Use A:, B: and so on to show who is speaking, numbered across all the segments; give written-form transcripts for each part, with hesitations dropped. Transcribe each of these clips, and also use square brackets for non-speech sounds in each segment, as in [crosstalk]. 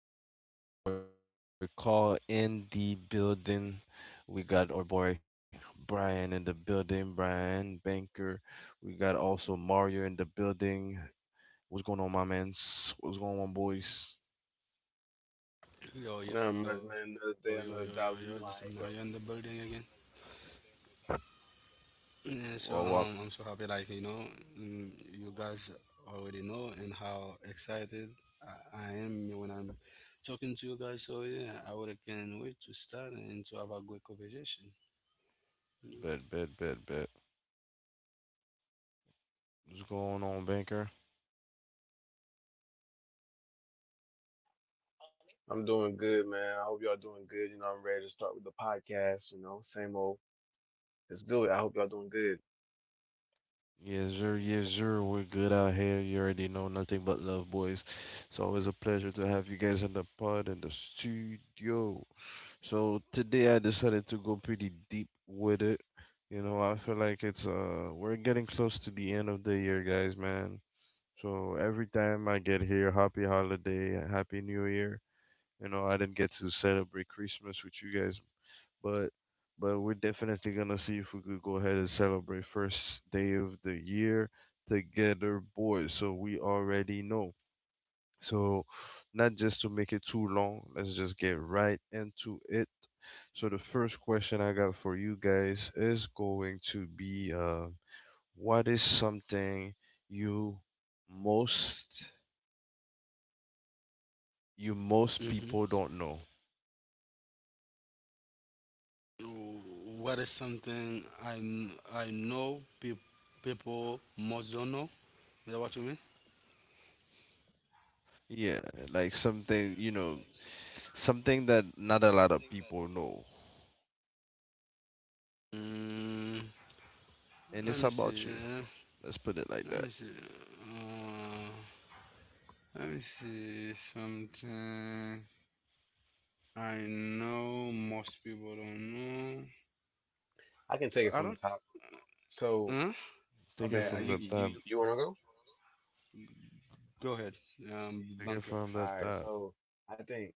A: on? It's your boy Carl in the building. We got our boy Brian in the building, Brian Banker. We got also Mario in the building. What's going on, my mans? What's going on, boys?
B: Not much,
C: Just
B: man.
C: is
B: Another
C: Mario
B: day,
C: in the
B: another
C: building
B: dollar. You
C: again.
B: know I ain't go.
C: Yeah, I'm so
A: What,
C: happy,
A: what?
C: you guys already know and how excited I am when I'm talking to you guys. So, yeah, I really can't wait to start and to have a good conversation.
A: Bet, bet, bet, bet. What's going on, Banker?
B: I'm doing good, man. I hope y'all doing good. You know, I'm ready to start with the podcast. You know, same old. Let's do it. I hope y'all doing good.
A: Yes, sir, yes, sir. We're good out here. You already know, nothing but love, boys. It's always a pleasure to have you guys in the pod, in the studio. So today I decided to go pretty deep with it. You know, I feel like it's we're getting close to the end of the year, guys, man. So every time I get here, happy holiday, happy new year. You know, I didn't get to celebrate Christmas with you guys, but but we're definitely gonna see if we could go ahead and celebrate first day of the year together, boys. So we already know. So, not just to make it too long, let's just get right into it. So, the first question I got for you guys is going to be what is something you most you most people
C: Mm-hmm.
A: don't know?
C: What is something I know people most don't know? Is that what you mean?
A: Yeah, like something, you know, something that not a lot of people know.
C: Mm,
A: And
C: Let me
A: it's
C: see.
A: about you. Let's put it like
C: Let me
A: that.
C: see. Uh, Let me see something I know most people don't know.
B: I can take it
C: I
B: from the
C: don't.
B: top. So,
C: Huh?
B: my
A: Take it
C: Yeah,
B: bad.
A: from
C: yeah.
B: You
A: the top.
B: you you want to go?
C: Go ahead,
A: Take it
C: bunker.
A: from the
B: All right.
A: top.
B: So, I think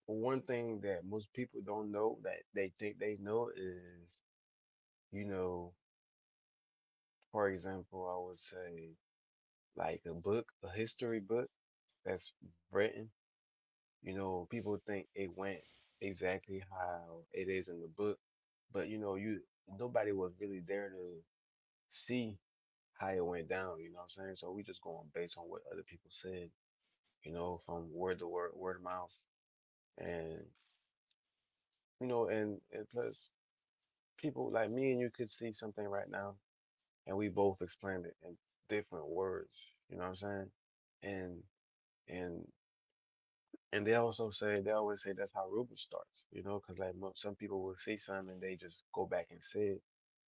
B: one thing that most people don't know that they think they know is, you know, for example, I would say like a book, a history book that's written. You know, people think it went exactly how it is in the book, but you know, you nobody was really there to see how it went down, you know what I'm saying? So we just going based on what other people said, you know, from word to word, word of mouth. And you know, and plus people like me and you could see something right now and we both explained it in different words, you know what I'm saying? And and And they also say, they always say that's how rumors starts, you know, because like some people will say something and they just go back and say it,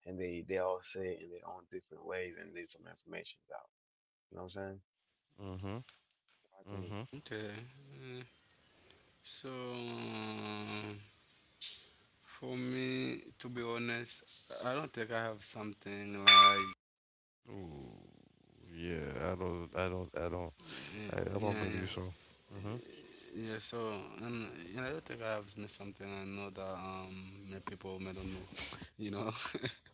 B: and they all say it in their own different ways, and there's some information's out. You know what I'm saying?
A: Mm-hmm.
B: So I think.
A: Mm-hmm.
C: Okay. uh, So for me, to be honest, I don't think I have something like
A: Ooh, yeah, I don't.
C: y-
A: I,
C: yeah,
A: I
C: yeah,
A: don't believe so. Mm-hmm.
C: yeah. So and you know, I don't think I have me something I know that me people may don't know. You know,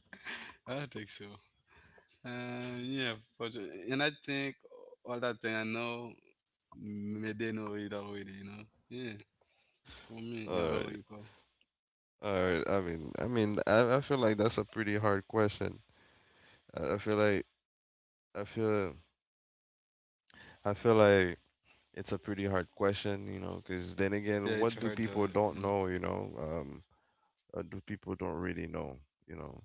C: [laughs] I don't think so. Yeah, for sure. And I think all that thing I know, may they know it already, you know. Yeah, for me. And
A: All
C: what
A: right,
C: you, call?
A: all right. I feel like that's a pretty hard question. I, I feel like I feel I feel like it's a pretty hard question, you know, because then
C: Yeah, it's
A: again,
C: hard
A: what do people
C: though.
A: don't know, you know, or do people don't really know, you know?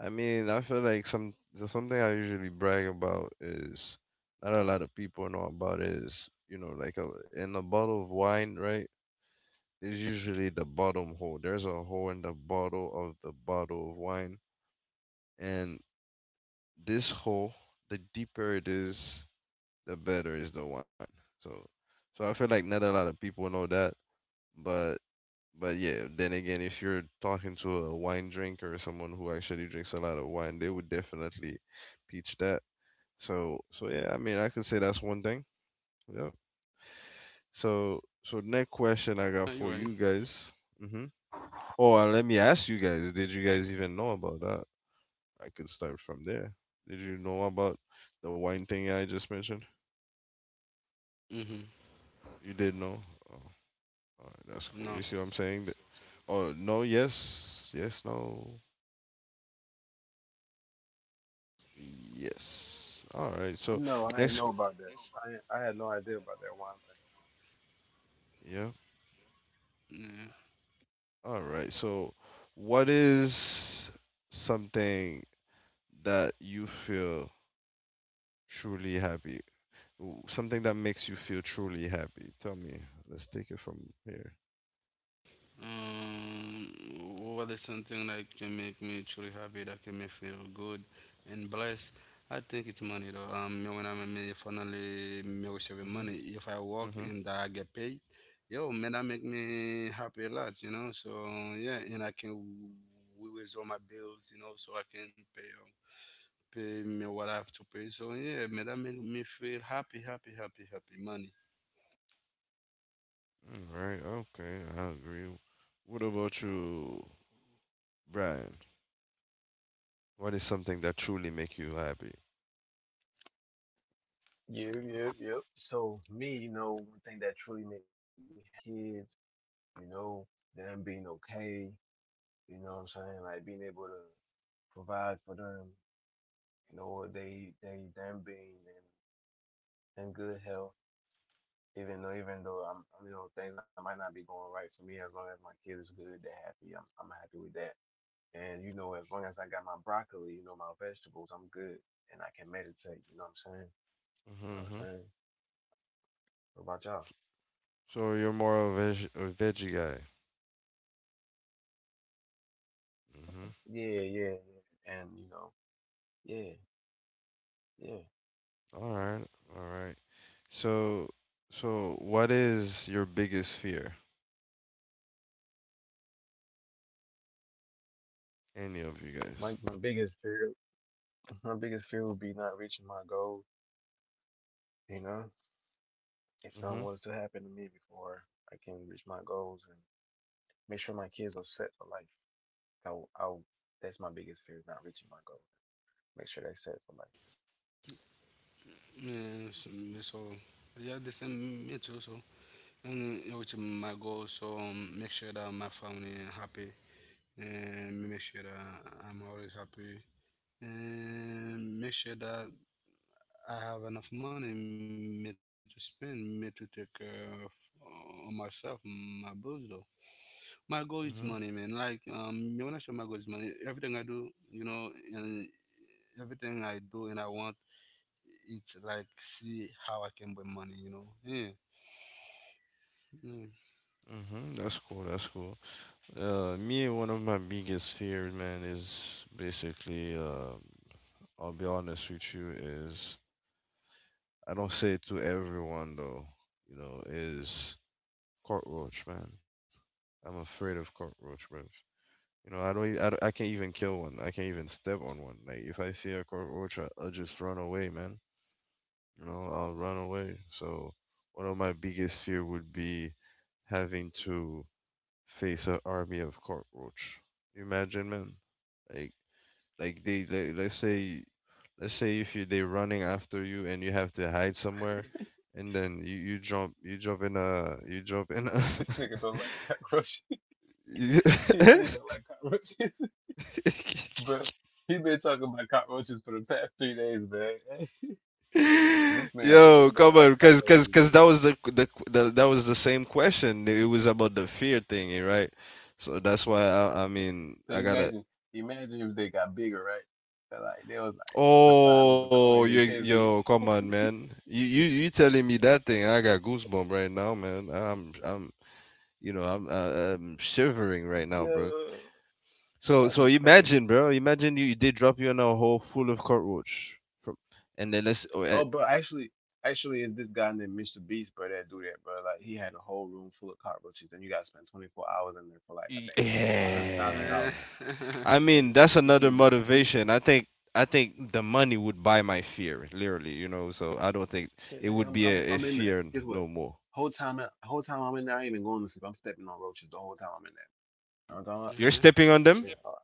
A: I mean, I feel like something I usually brag about is not a lot of people know about is, you know, like a, in a bottle of wine, right? Is usually the bottom hole. There's a hole in the bottle of wine, and this hole, the deeper it is, the better is the wine. So, so I feel like not a lot of people know that, but but yeah. Then again, if you're talking to a wine drinker or someone who actually drinks a lot of wine, they would definitely teach that. So yeah, I mean, I could say that's one thing. Yep. So next
C: Yeah, you're right.
A: question I got for you guys. Mm-hmm. Oh, and let me ask you guys, did you guys even know about that? I could start from there. Did you know about the wine thing I just mentioned?
C: Mm-hmm.
A: You did know? Oh, all right, that's
C: No.
A: cool. You see what I'm saying? Th- Oh, no, yes, yes, no, yes. All right, so
B: No, I ain't
A: next,
B: know about that. I had no idea about that one thing.
A: yeah.
C: Yeah.
A: All right, so what is something that you feel truly happy? W- Something that makes you feel truly happy. Tell me. Let's take it from here.
C: Um, what is something that can make me truly happy, that can make me feel good and blessed? I think it's money though. Me when I'm me finally me receiving money,
A: Mm-hmm.
C: if I work
A: Mm-hmm.
C: and I get paid, yo, man, that make me happy a lot, you know. So yeah, and I can raise all my bills, you know, so I can pay me what I have to pay. So yeah, man, that make me feel happy. Money.
A: Mm, right, okay, I agree. What about you, Brian? What is something that truly make you happy?
B: Yep, yep, yep. So me, you know, one thing that truly make me happy is my kids, you know, them being okay, you know what I'm saying? Like being able to provide for them, you know, what they them being and good health. Even though I'm, you know, things that might not be going right for me, as long as my kid is good, they're happy, I'm happy with that. And you know, as long as I got my broccoli, you know, my vegetables, I'm good, and I can meditate. You know what I'm saying? You know what I'm
A: Mm-hmm.
B: saying? What about y'all?
A: So you're more of a, veg- a veggie guy. Mm-hmm.
B: Yeah, yeah, yeah. And you know, yeah, yeah.
A: All right, all right. So, so, what is your biggest fear? Any of you
B: My
A: guys?
B: my biggest fear, my biggest fear would be not reaching my goal. You know, if something
A: Mm-hmm.
B: was to happen to me before I can reach my goals and make sure my kids are set for life. I'll, I'll, that's my biggest fear, is not reaching my goal. Make sure that's set for life.
C: Yeah, so yeah, the same me too. So and reaching my goal. So make sure that my family is happy, and make sure that I'm always happy, and make sure that I have enough money me to spend, me to take care of myself, my bills though. My goal is money, man.
A: Mm-hmm.
C: When I say my goal is money, everything I do, you know, and everything I do and I want, it's like see how I can buy money, you know. Yeah,
A: Mm-hmm. That's cool. That's cool. Me, one of my biggest fears, man, is basically, I'll be honest with you, is I don't say it to everyone though, you know, is cockroach, man. I'm afraid of cockroach, bro. You know, I don't, e- I don't, I can't even kill one. I can't even step on one. Like if I see a cockroach, I'll just run away, man. You know, I'll run away. So one of my biggest fear would be having to face an army of cockroach. You imagine, man? Like like they let's say if you they're running after you and you have to hide somewhere and then you, you jump in a
B: [laughs] This nigga don't
A: [laughs]
B: like cockroaches. [laughs]
A: you-
B: He really don't like cockroaches. [laughs] But he been talking about cockroaches for the past 3 days, man. [laughs] This
A: [laughs]
B: man really
A: Yo,
B: don't
A: come
B: like
A: on,
B: cockroaches, man.
A: 'cause that was the that was the same question. It was about the fear thing, right? So that's why I mean
B: So
A: I gotta.
B: imagine if they got bigger, right? They was like the size of a
A: Oh,
B: car and they
A: you,
B: chasing
A: yo,
B: you.
A: come on, man. You telling me that thing? I got goosebump right now, man. You know, I'm am shivering right
B: [laughs]
A: now, bro.
B: Yo,
A: So
B: that'd
A: so
B: be crazy.
A: imagine, bro. Imagine you they drop you in a hole full of cockroach from, and then let's. Oh,
B: Oh, bro, actually, it's this guy named Mr. Beast, bro, that do that, bro. Like, he had a whole room full of cockroaches, and you got to spend 24 hours in there for like, I think, a hundred thousand
A: Yeah.
C: yeah,
B: dollars.
A: I mean, that's
B: He
A: another
B: gave you, he,
A: motivation. I think the money would buy my fear, literally. You know, so I don't think
B: shit,
A: it
B: nigga,
A: would be a
B: I'm in
A: fear
B: there.
A: n-
B: Guess what?
A: no more.
B: Whole time I'm in there, I ain't even going to sleep. I'm stepping on roaches the whole time I'm in there. You know what I'm
A: You're
C: yeah.
B: talking
A: stepping on them,
B: about?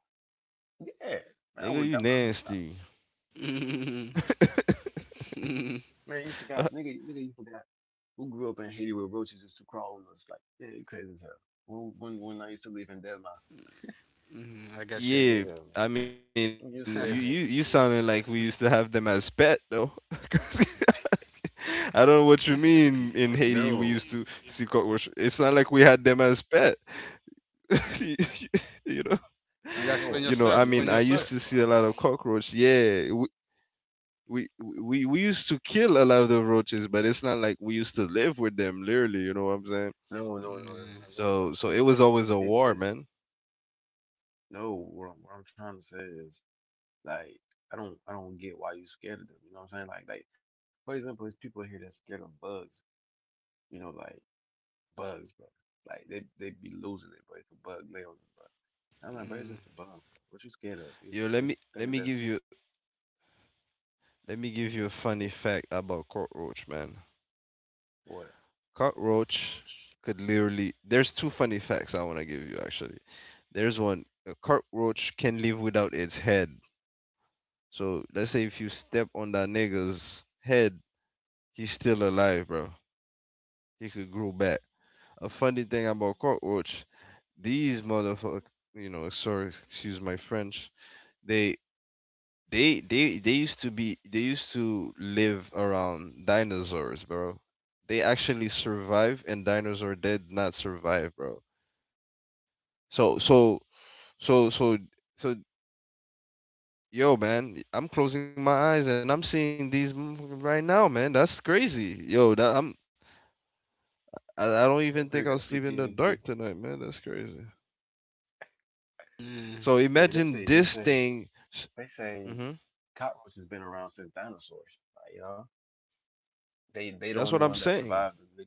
B: Nigga, yeah, man, I would
A: nigga.
B: have
A: You
B: got my 100,000.
A: nasty.
C: [laughs] yeah. [laughs] Mm,
B: Man, you forgot,
A: [laughs]
B: nigga, you forgot. Who grew up in Haiti with roaches used to crawl on us? Like, man, you crazy as hell. When I used to live in Denmark,
C: I got you.
B: you crazy as hell, man.
A: Yeah, I
B: I'm used to
A: mean,
B: that shit.
A: you sounded like we used to have them as pet though. [laughs] 'Cause [laughs] I don't know what you mean, in Haiti. We
B: No,
A: used to see cockroach. It's not like we had them as pet. [laughs] you know,
C: You. Explain yourself.
A: you know.
C: Explain
B: I
A: I
B: know
A: mean, I
B: that,
C: yourself.
B: but
A: used to see a lot of cockroach. Yeah, we we we used to kill a lot of the roaches, but it's not like we used to live with them. Literally, you know what I'm saying?
B: no,
C: Mm,
B: I know, but
A: So
B: I'm
A: so it
B: saying
A: was
B: like
A: always a
B: it's
A: war,
B: it's
A: man.
B: no. What I'm trying to say is like I don't get why you scared of them. You know what I'm saying? Like for example, there's people here that's scared of bugs. You know, like bugs, bro. Like they be losing it, but if a bug lay on them, bro. And I'm like, bro, it's
C: mm,
B: just a bug, bro. What you scared of? It's
A: Yo, let
B: it's
A: me let
B: things
A: me give
B: that's
A: you Let me give you a funny
B: what
A: fact about cockroach, man.
B: what.
A: Cockroach could literally. There's two funny facts I want to give you actually. There's one. A cockroach can live without its head. So let's say if you step on that nigga's head, he's still alive, bro. He could grow back. A funny thing about cockroach, these motherfuckers, you know, sorry, excuse my French. They they they used to be they used to live around dinosaurs, bro. They actually survived and dinosaur did not survive, bro. So so so so so yo man, I'm closing my eyes and I'm seeing these motherfuckers right now, man. That's crazy. Yo, that I'm I don't even
B: That
A: think I'll
B: bitch got
A: sleep in the dark
B: PTSD.
A: tonight, man. That's crazy.
C: mm.
A: So
B: Yeah, they
A: imagine
B: say they
A: this
B: say.
A: thing.
B: They say
A: Mm-hmm.
B: cockroaches has been around since dinosaurs. Like, you know, they the
A: That's
B: only
A: what I'm
B: one that
A: saying.
B: survived.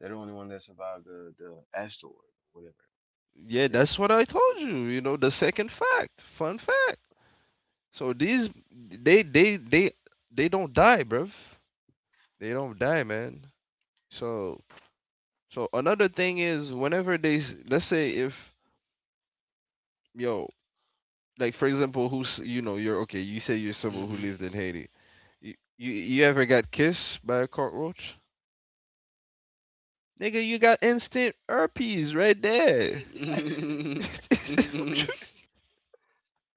B: They're the only one that survived the asteroid or whatever.
A: Yeah,
B: Yeah.
A: that's what I told you. You know, the second fact. Fun fact. So these they don't die, bruv. They don't die, man. So so another thing is whenever they s- let's say if yo, like for example, who's you know you're okay, you say you're
C: to,
A: someone
C: Mhm.
A: who lived in Haiti. You ever got kissed by a cockroach? Nigga, you got instant herpes right there.
B: [laughs]
A: [laughs]
C: now,
A: What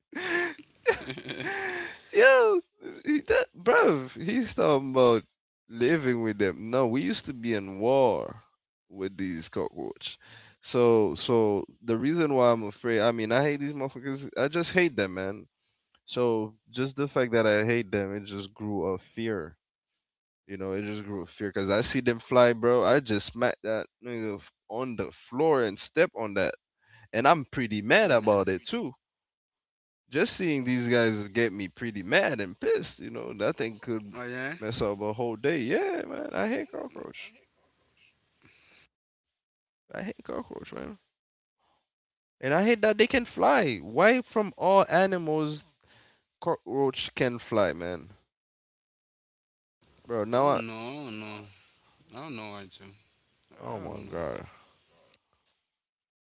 A: you-
C: [laughs]
A: Yo, he that bruv, he's talking about living with them. No, we used to be in war with these cockroach. So so the reason why I'm afraid, I mean I hate these motherfuckers, I just hate them, man. So just the fact that I hate them, it just grew a fear. You know, it just grew a fear because I see them fly, bro. I just smack that nigga f- on the floor and step on that. And I'm pretty
C: and
A: mad
C: Mm.
A: about it too, just seeing these guys get me pretty mad and pissed. You know, that thing
C: know? Oh
A: could
C: yeah?
A: mess up a whole day. Yeah, man, I hate cockroach. I hate cockroach, man, and I hate that they can fly. Why from all animals cockroach can fly, man?
C: Oh
A: Bro, now I
C: no, no. I don't know. Why too. I
A: oh
C: don't
A: my
C: know.
A: god,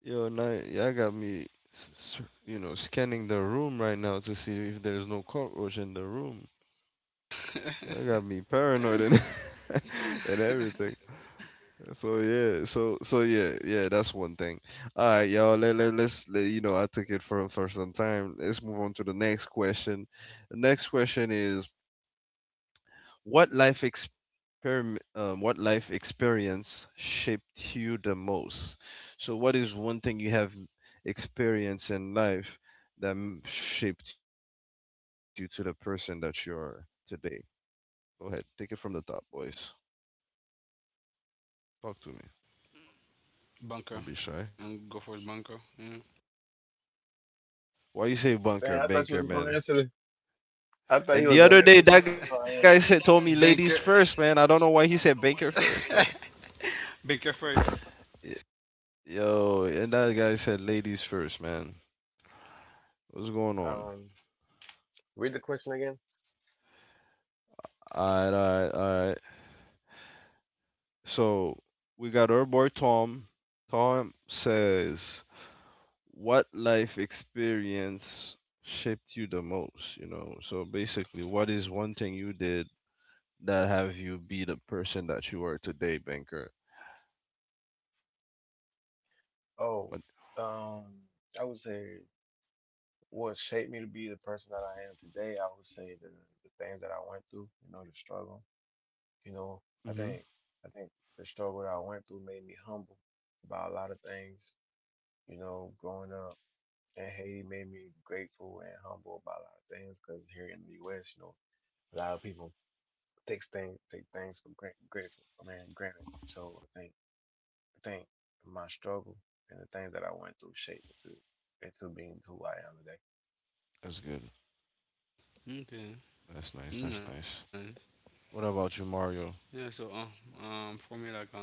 A: yo, now y'all got me, s- s- you know, scanning the room right now to see if there's no cockroach in the room. That got me paranoid and [laughs] and everything.
C: [laughs]
A: So yeah, that's one thing. All right, y'all. Let's, you know, I took it for some time. Let's move on to the next question. The next question is what life experiment what life experience shaped you the most? So what is one thing you have experienced in life that m- shaped you to the person that you are today? Go ahead, take it from the top, boys. Talk to me. Don't
C: bunker.
A: be shy.
C: And go for his bunker. Yeah.
A: Why you say bunker,
B: Man, I thought you
A: banker,
B: was gonna
A: man?
B: answer. I thought he
A: And the
B: was gonna
A: other day,
B: answer
A: that
B: first.
A: guy
B: That's
A: said told
B: why.
A: me
C: [laughs]
A: ladies
C: Banker.
A: first, man. I don't know
C: [laughs] told
A: why he said banker first though.
C: [laughs] it. Banker first.
A: Y- Yo, and that guy said ladies first, man. What's going
B: I am.
A: on?
B: Read the question again.
A: All right, all right, all right. So we got our boy Tom. Tom says, "What life experience shaped you the most?" You know. So basically, what is one thing you did that have you be the person that you are today, banker?
B: Oh,
A: What?
B: um, I would say what shaped me to be the person that I am today. I would say the things that I went through. You know, the struggle. You know, I
A: Mhm.
B: think I think the struggle that I went through made me humble about a lot of things. You know, growing up in Haiti made me grateful and humble about a lot of things because here in the U.S., you know, a lot of people take things for granted, granted. So I think my struggle and the things that I went through shaped me to into being who I am
A: That's good.
C: Okay.
A: That's nice. That's
C: Mm.
A: nice. What about you, Mario?
C: For me,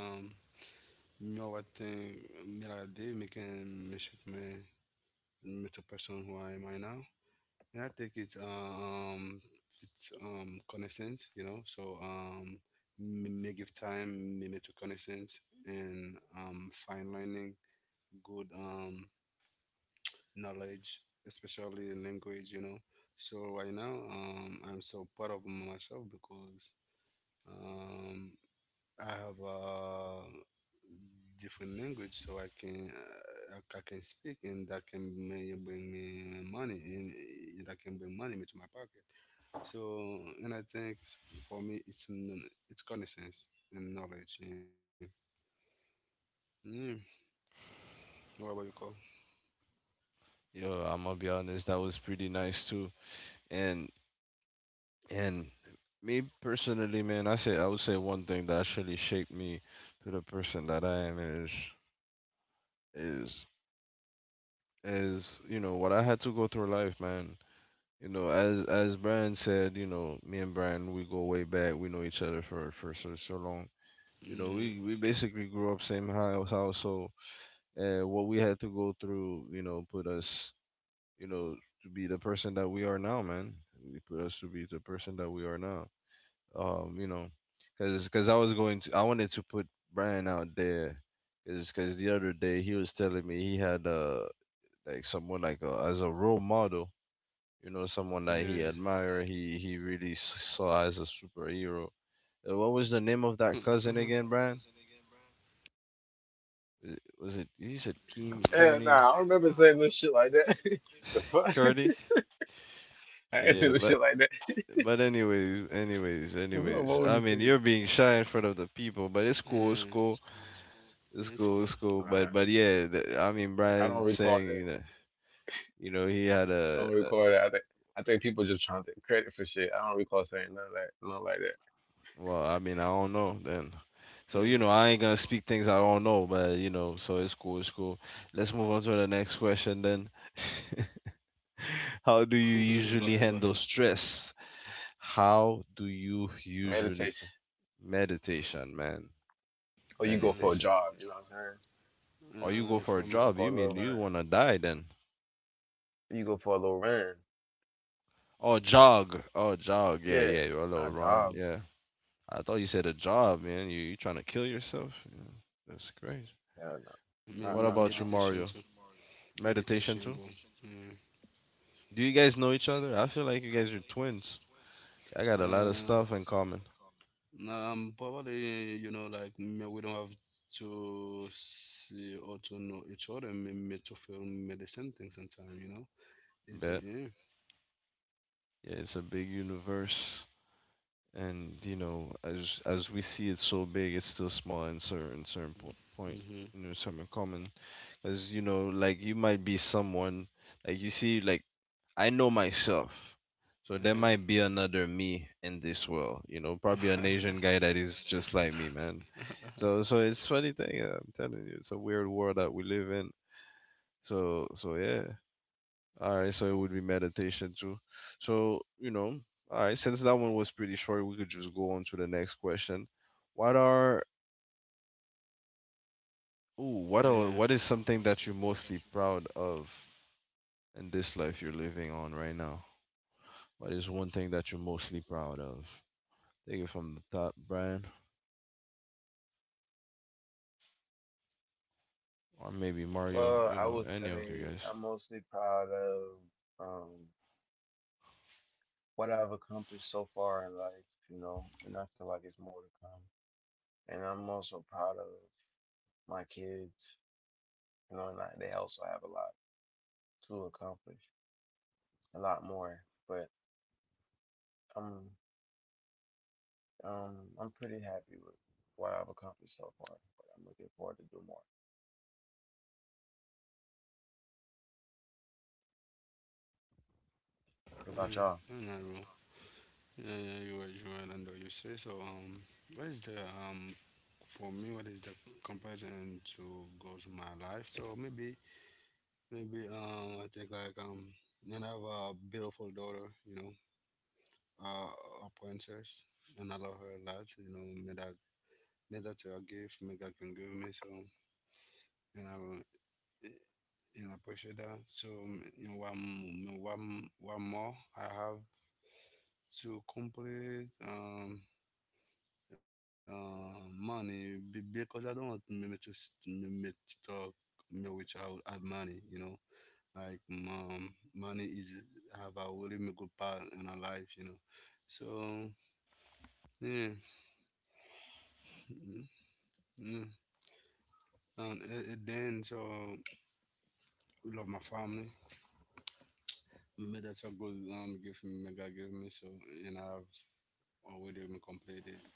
C: you know what thing, me like a day making me shape me me the person who I am right now, and I think it's connaissance, you know. So me, me give time me to connaissance and fine learning, good knowledge, especially in language, you know. So right now, I'm so proud of myself because um, I have uh, different language so I can I can speak and that can may bring me money and that can bring money into my pocket. So and I think for me it's it's common sense and knowledge. Yeah. Mm. What about you, Cole?
A: Yo, I'm gonna be honest, that was pretty nice too. And and me personally, man, I would say one thing that actually shaped me to the person that I am is is you know what I had to go through life, man. You know, as Brian said, you know, me and Brian we go way back. We know each other for so long. You know,
C: Yeah.
A: we basically grew up same house, so what we had to go through, you know, put us you know, to be the person that we are now, man. He put us to be the person that we are now. You know, cause, cause I I wanted to put Brian out there, is, cause the other day he was telling me he had like someone like a, as a role model, you know, someone that
C: Yeah.
A: he admired, he saw as a superhero. What was the name of that cousin
C: [laughs]
A: again, Brian? Was it you said Keem
B: today.
C: Mhm.
B: And
A: Kearney?
B: nah, I don't remember saying no shit like that. [laughs] The
A: [sighs] [laughs]
B: fuck,
A: Kearney?
B: [laughs] I ain't saying
A: Yeah,
B: no shit
A: but
B: like that. [laughs]
A: But anyways, anyways,
B: What fuck
A: anyways.
B: wrong with
A: I
B: this
A: mean,
B: nigga?
A: you're being shy in front of the people, but
C: Yeah. Yeah, it's cool.
A: it's cool.
B: Nah,
A: But yeah, the, I mean,
B: I don't
A: Brian
B: recall
A: saying
B: that.
A: you know, he had
B: I don't recall
A: a
B: that. I think people just trying to take credit for shit. I don't recall saying nothing like that.
A: well, I mean, I don't know then.
C: Yeah.
A: So you know, I ain't gonna speak things I don't know, but you know, so it's cool. Let's move on to the next question then. [laughs] How do you
C: [laughs] Go ahead. Go
A: usually
C: ahead.
A: handle stress? How do you usually
B: Meditation.
A: Meditation, man?
B: Or
C: Yeah.
B: you go for a
A: Meditation.
B: jog, you know what I'm saying?
A: Oh, you go for a
C: From
B: Go
A: job.
B: for
A: You
B: a little
A: mean you
B: run.
A: wanna die then?
B: You go for a little run.
A: Oh, jog. Oh, jog. Yeah,
B: Yeah,
A: yeah. A little
B: not
A: run.
B: job.
A: Yeah. I thought you said a job, man. You trying to kill yourself? Yeah, that's crazy.
B: Hell no.
A: What
B: Not
A: about you,
B: job.
C: meditation too.
A: Mario? Meditation
C: Meditation, bro.
A: too? Do you guys know each other? I feel like you guys are twins. I
C: Yeah.
A: got a lot of stuff in common.
C: Nah, Probably you know, like me, we don't have to see or to know each other. Me, me to feel medicine things sometimes, you know. Is it?
A: Bet.
C: Yeah.
A: Yeah, it's a big universe, and you know, as we see it so big, it's still small in point.
C: Mm-hmm.
A: You know, some common as you know, like you might be someone like you see, like I know myself. So there
C: Yeah.
A: might be another me in this world, you know, probably an Asian guy that
C: [laughs]
A: is just like me, man.
C: yeah.
A: So so it's funny thing, I'm telling you, it's a weird world that we live in. So so yeah. All right, so it would be meditation too. So, you know, all right, since that one was pretty short, we could just go on to the next question. What are ooh, what are
C: Yeah.
A: what is something that you're mostly proud of, and this life you're living on right now? What is one thing that you're mostly proud of? Take it from the top, Brian, or maybe Mario,
B: Well,
A: you
B: I
A: know,
B: would
A: any of you
B: say
A: guys.
B: I'm mostly proud of um what I've accomplished so far in life, you know, and I feel like it's more to come. And I'm also proud of my kids, you know, and they also have a lot to accomplish, a lot more. But I'm um I'm pretty happy with what I've accomplished so far. But I'm looking forward to do more.
C: I
B: What about
C: don't
B: y'all?
C: know, bro. Yeah, yeah, you were Joanne and you say so. What is the um for me? What is the comparison to go to my life? So maybe I think and I have a beautiful daughter, you know, uh, a princess, and I love her a lot. You know, may that's a gift, may God can give me. So and I will, you know, appreciate that. So you know, one more I have to complete. Money because I don't want me to me to talk me which I would add money. You know, money is have a really good part in our life. You know, so yeah, [laughs] yeah. And then so love my family. Me that's a good gift me God give me so and I've already been completed.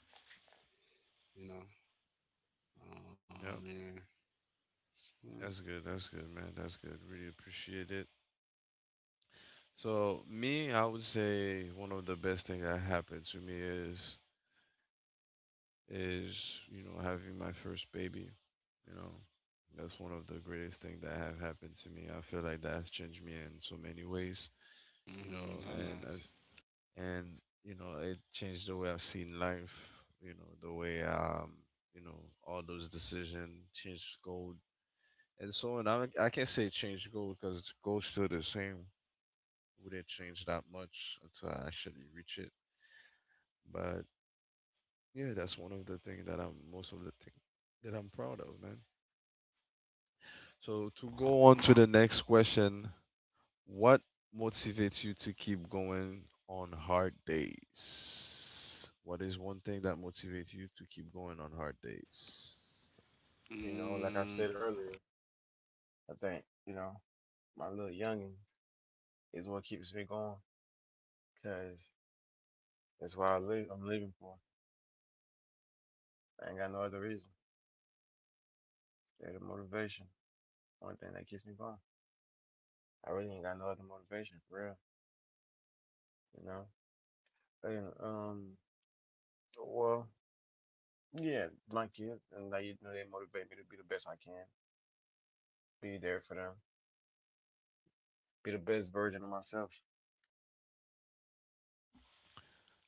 C: You know,
A: Yep,
C: yeah, yeah.
A: that's good. That's good, man. That's good. Really appreciate it. So me, I would say one of the best thing that happened to me is you know having my first baby. You know, that's one of the greatest thing that have happened to me. I feel like that's changed me in so many ways. You
C: Mm-hmm,
A: know, and
C: that's
A: I and you know it changed the way I've seen life. You know the way you know all those decisions changed gold and so on. I can't say change gold because gold's still the same. Wouldn't change that much until I actually reach it. But yeah, that's one of the things that I'm most of the thing that I'm proud of, man. So to go on to the next question, what motivates you to keep going on hard days? What is one thing that motivates you to keep going on hard days?
C: nice.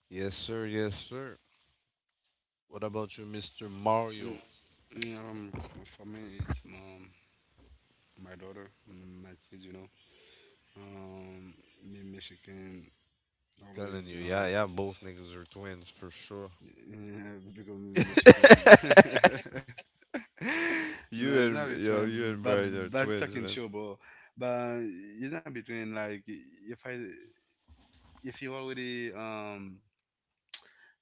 A: Yes, sir. Yes, sir. What about you, Mr. Mario? I'm
C: Mm, yeah, for me, it's my daughter, my kids, you know. Um, Me Michigan
A: telling
C: always
A: you, yeah, yeah, both niggas are twins for sure.
C: yeah, because me Michigan.
A: [laughs]
C: [laughs] No, it's not
A: You
C: between,
A: and Brian are
C: but it's
A: twins,
C: talking
A: man.
C: show, bro. But it's not between like if I if you already um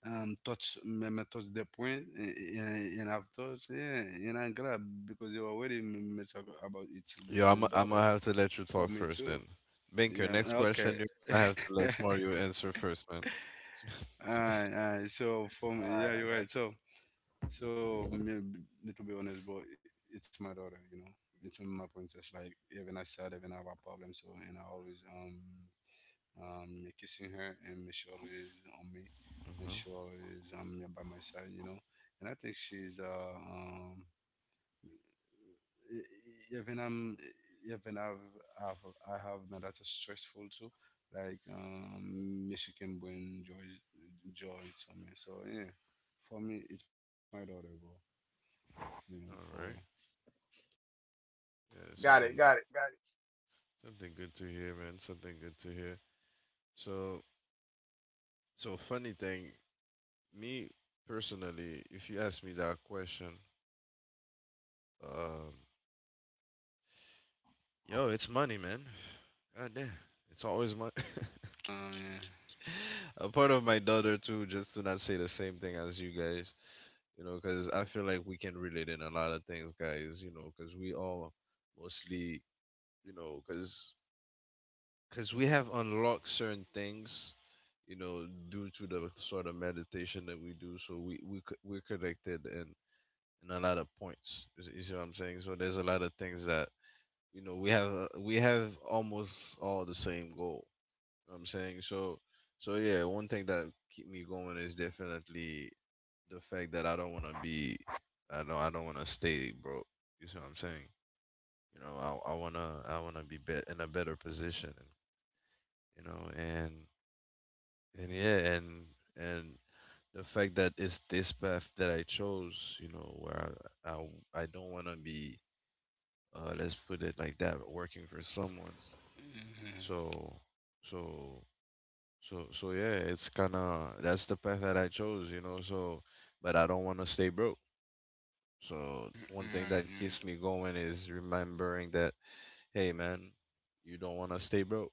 C: um touch me, me touch the point and I've touched yeah and I grab because you already me talk about it
A: Yo, I'm
C: the
A: I'm
C: daughter
A: gonna have to let you
C: for
A: talk
C: me
A: first
C: too.
A: then. Binker,
C: Yeah,
A: next
C: okay.
A: question you I have
C: [laughs]
A: to let Mario answer first, man. [laughs]
C: Alright, alright. So from yeah, you're right. So so me, me to be honest, bro, it's my daughter. You know, it's my princess. Like even I said, even I have a problem. So and I always me kissing her and she always on me and she
A: Mhm.
C: always by my side. You know, and I think she's even I'm even I've, I've I have not that stressful too, like Michigan when George to me. So yeah, for me it's my daughter, bro. Yeah, for real.
A: All right. Yeah, something Something good to hear, man. Something good to hear. So, so funny thing, me personally, if you ask me that question, um, yo, it's money, man.
C: Um,
A: God damn, it's always money. [laughs] A part of my daughter too, just to not say the same thing as you guys, you know, because I feel like we can relate in a lot of things, guys, you know, because we all mostly, you know, because we have unlocked certain things you know due to the sort of meditation that we do so we're connected in a lot of points you see what I'm saying so there's a lot of things that you know we have almost all the same goal you know what I'm saying so so yeah one thing that keep me going is definitely the fact that I don't want to be I don't want to stay broke, you see what I'm saying, you know, I want to be in a better position, you know, and yeah, and the fact that it's this path that I chose, you know, where I I don't want to be, let's put it like that, working for someone.
C: yeah,
A: So, so, so yeah, it's kind of that's the path that I chose, you know. So, but I don't want to stay broke. So
C: yeah,
A: one thing that
C: yeah,
A: keeps me going is remembering that, hey man, you don't want to stay broke.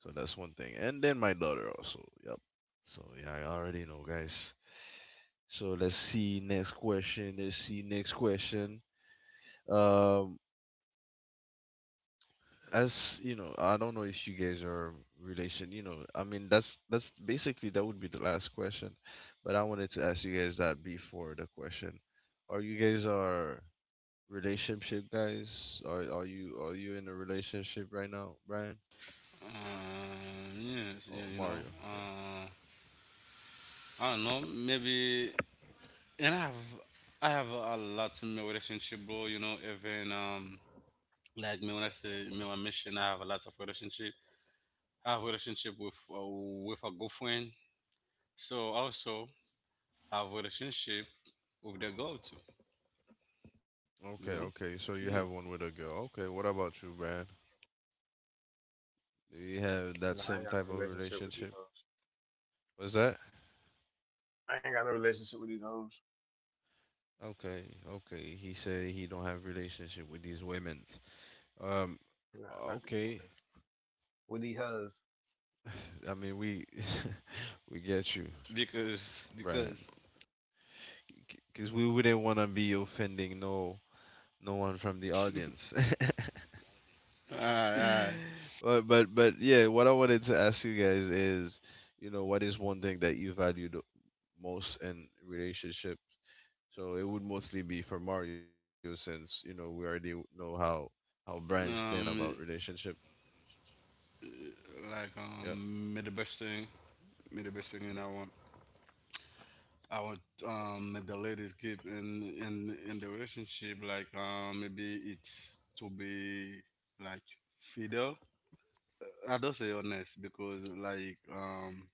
A: So that's one thing. And then my daughter also. Yep. So yeah, I already know, guys. So let's see next question. Let's see next question. Um, as you know, I don't know if you guys are relation. You know, I mean that's basically that would be the last question, but I wanted to ask you guys that before the question. Are you guys are relationship guys? Are you in a relationship right now, Brian?
C: yeah. Yes, yeah,
A: Oh,
C: you know.
A: Mario, yeah.
C: I don't know, maybe, and I have a lot in my relationship, bro. You know, even like me when I say me when I mention, I have a lot of relationship. Have relationship with a girlfriend. So also have relationship with the girl too. You know.
A: Okay, okay.
C: Yeah.
A: So you have one with a girl. Okay, what about you, Brian? Do you have that same type of relationship? What's that? Okay, okay. He said he don't have relationship with these women. Um, okay. [sighs] [laughs] I mean, we [laughs] we get you,
C: Because,
A: Brian,
C: because.
A: because we wouldn't want to be offending no one from the audience. [laughs]
C: Alright, alright.
A: But but yeah, what I wanted to ask you guys is, you know, what is one thing that you value the most in relationship? So it would mostly be for Mario, since you know we already know how Brian stand about
C: Um,
A: relationship. Yeah.
C: Me the best thing, and I want me the ladies keep in the relationship. Maybe it's to be like fidel. I don't say honest because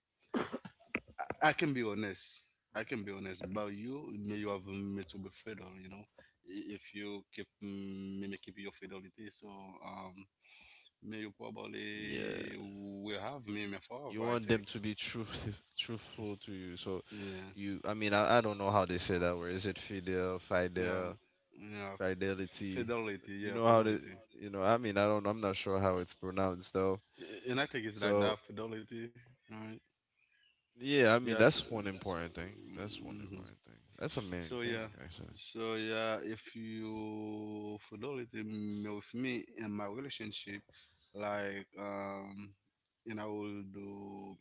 C: I can be honest. I can be honest about you. May you have me to be fiddle, you know. If you keep me, me keep your fidelity, so may you probably
A: Yeah.
C: will have
A: You
C: me
A: want them to
C: forever.
A: be
C: I think.
A: truth [laughs] truthful to you. So you I mean
C: Yeah,
A: I don't know how they say that word. Is it
C: yeah, yeah.
A: fidelity? You know
C: Fidelity,
A: how to
C: yeah,
A: you
C: fidelity.
A: know, I mean I don't I'm not sure how it's pronounced though.
C: And I think
A: So
C: it's like that fidelity, right?
A: yeah, I mean that's one
C: Yes.
A: important thing. That's one important
C: Mm-hmm.
A: thing. That's a main thing
C: So yeah,
A: actually.
C: so yeah. If you follow it with me in my relationship, like um, and I will do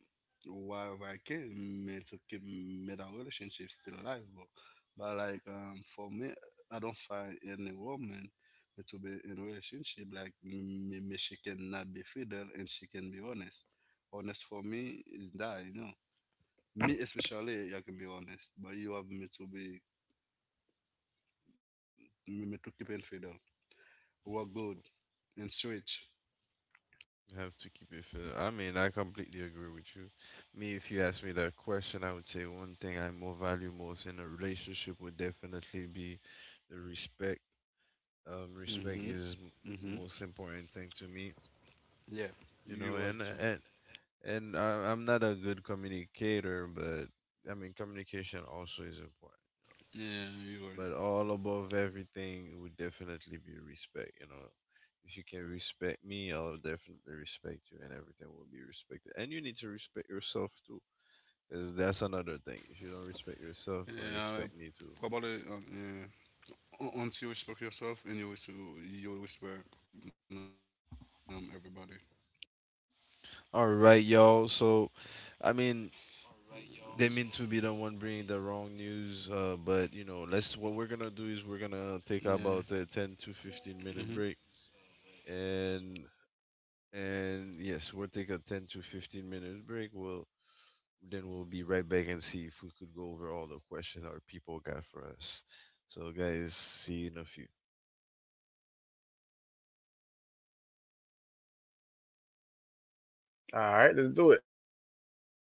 C: whatever I can me to keep me that relationship still alive. But for me, I don't find any woman me to be in relationship like me. She cannot be fidel and she can be honest. Honest for me is that you know me especially I can be honest but you have me to be Mimi Tukipel Fiddle, Work Good, and Switch.
A: You have to keep it fidel. I mean I completely agree with you. Me if you ask me that question I would say one thing I more value most in a relationship would definitely be the respect, respect
C: Mm-hmm.
A: is
C: Mm-hmm.
A: most important thing to me,
C: Yeah,
A: you know,
C: you
A: and
C: right too.
A: and and I'm not a good communicator but I mean communication also is important,
C: Yeah, you right.
A: but all above everything would definitely be respect, you know, if you can respect me I'll definitely respect you and everything will be respected and you need to respect yourself too, because that's another thing, if you don't respect yourself don't
C: Yeah,
A: expect me to.
C: about it. Yeah. Once you respect yourself and you respect everybody.
A: All right y'all, so I
C: Alright you
A: mean
C: All right, y'all.
A: they mean to be the one bringing the wrong news, but you know,
C: So.
A: let's. What we're
C: Yeah.
A: gonna do is we're gonna take
C: Mm-hmm.
A: about a 10 to 15 minute break, and yes, we'll take a 10 to 15 minute break. We'll Then we'll be right back and see if we could go over all the questions our people got for us. So, guys, see you in a few.
C: Okay. So yeah.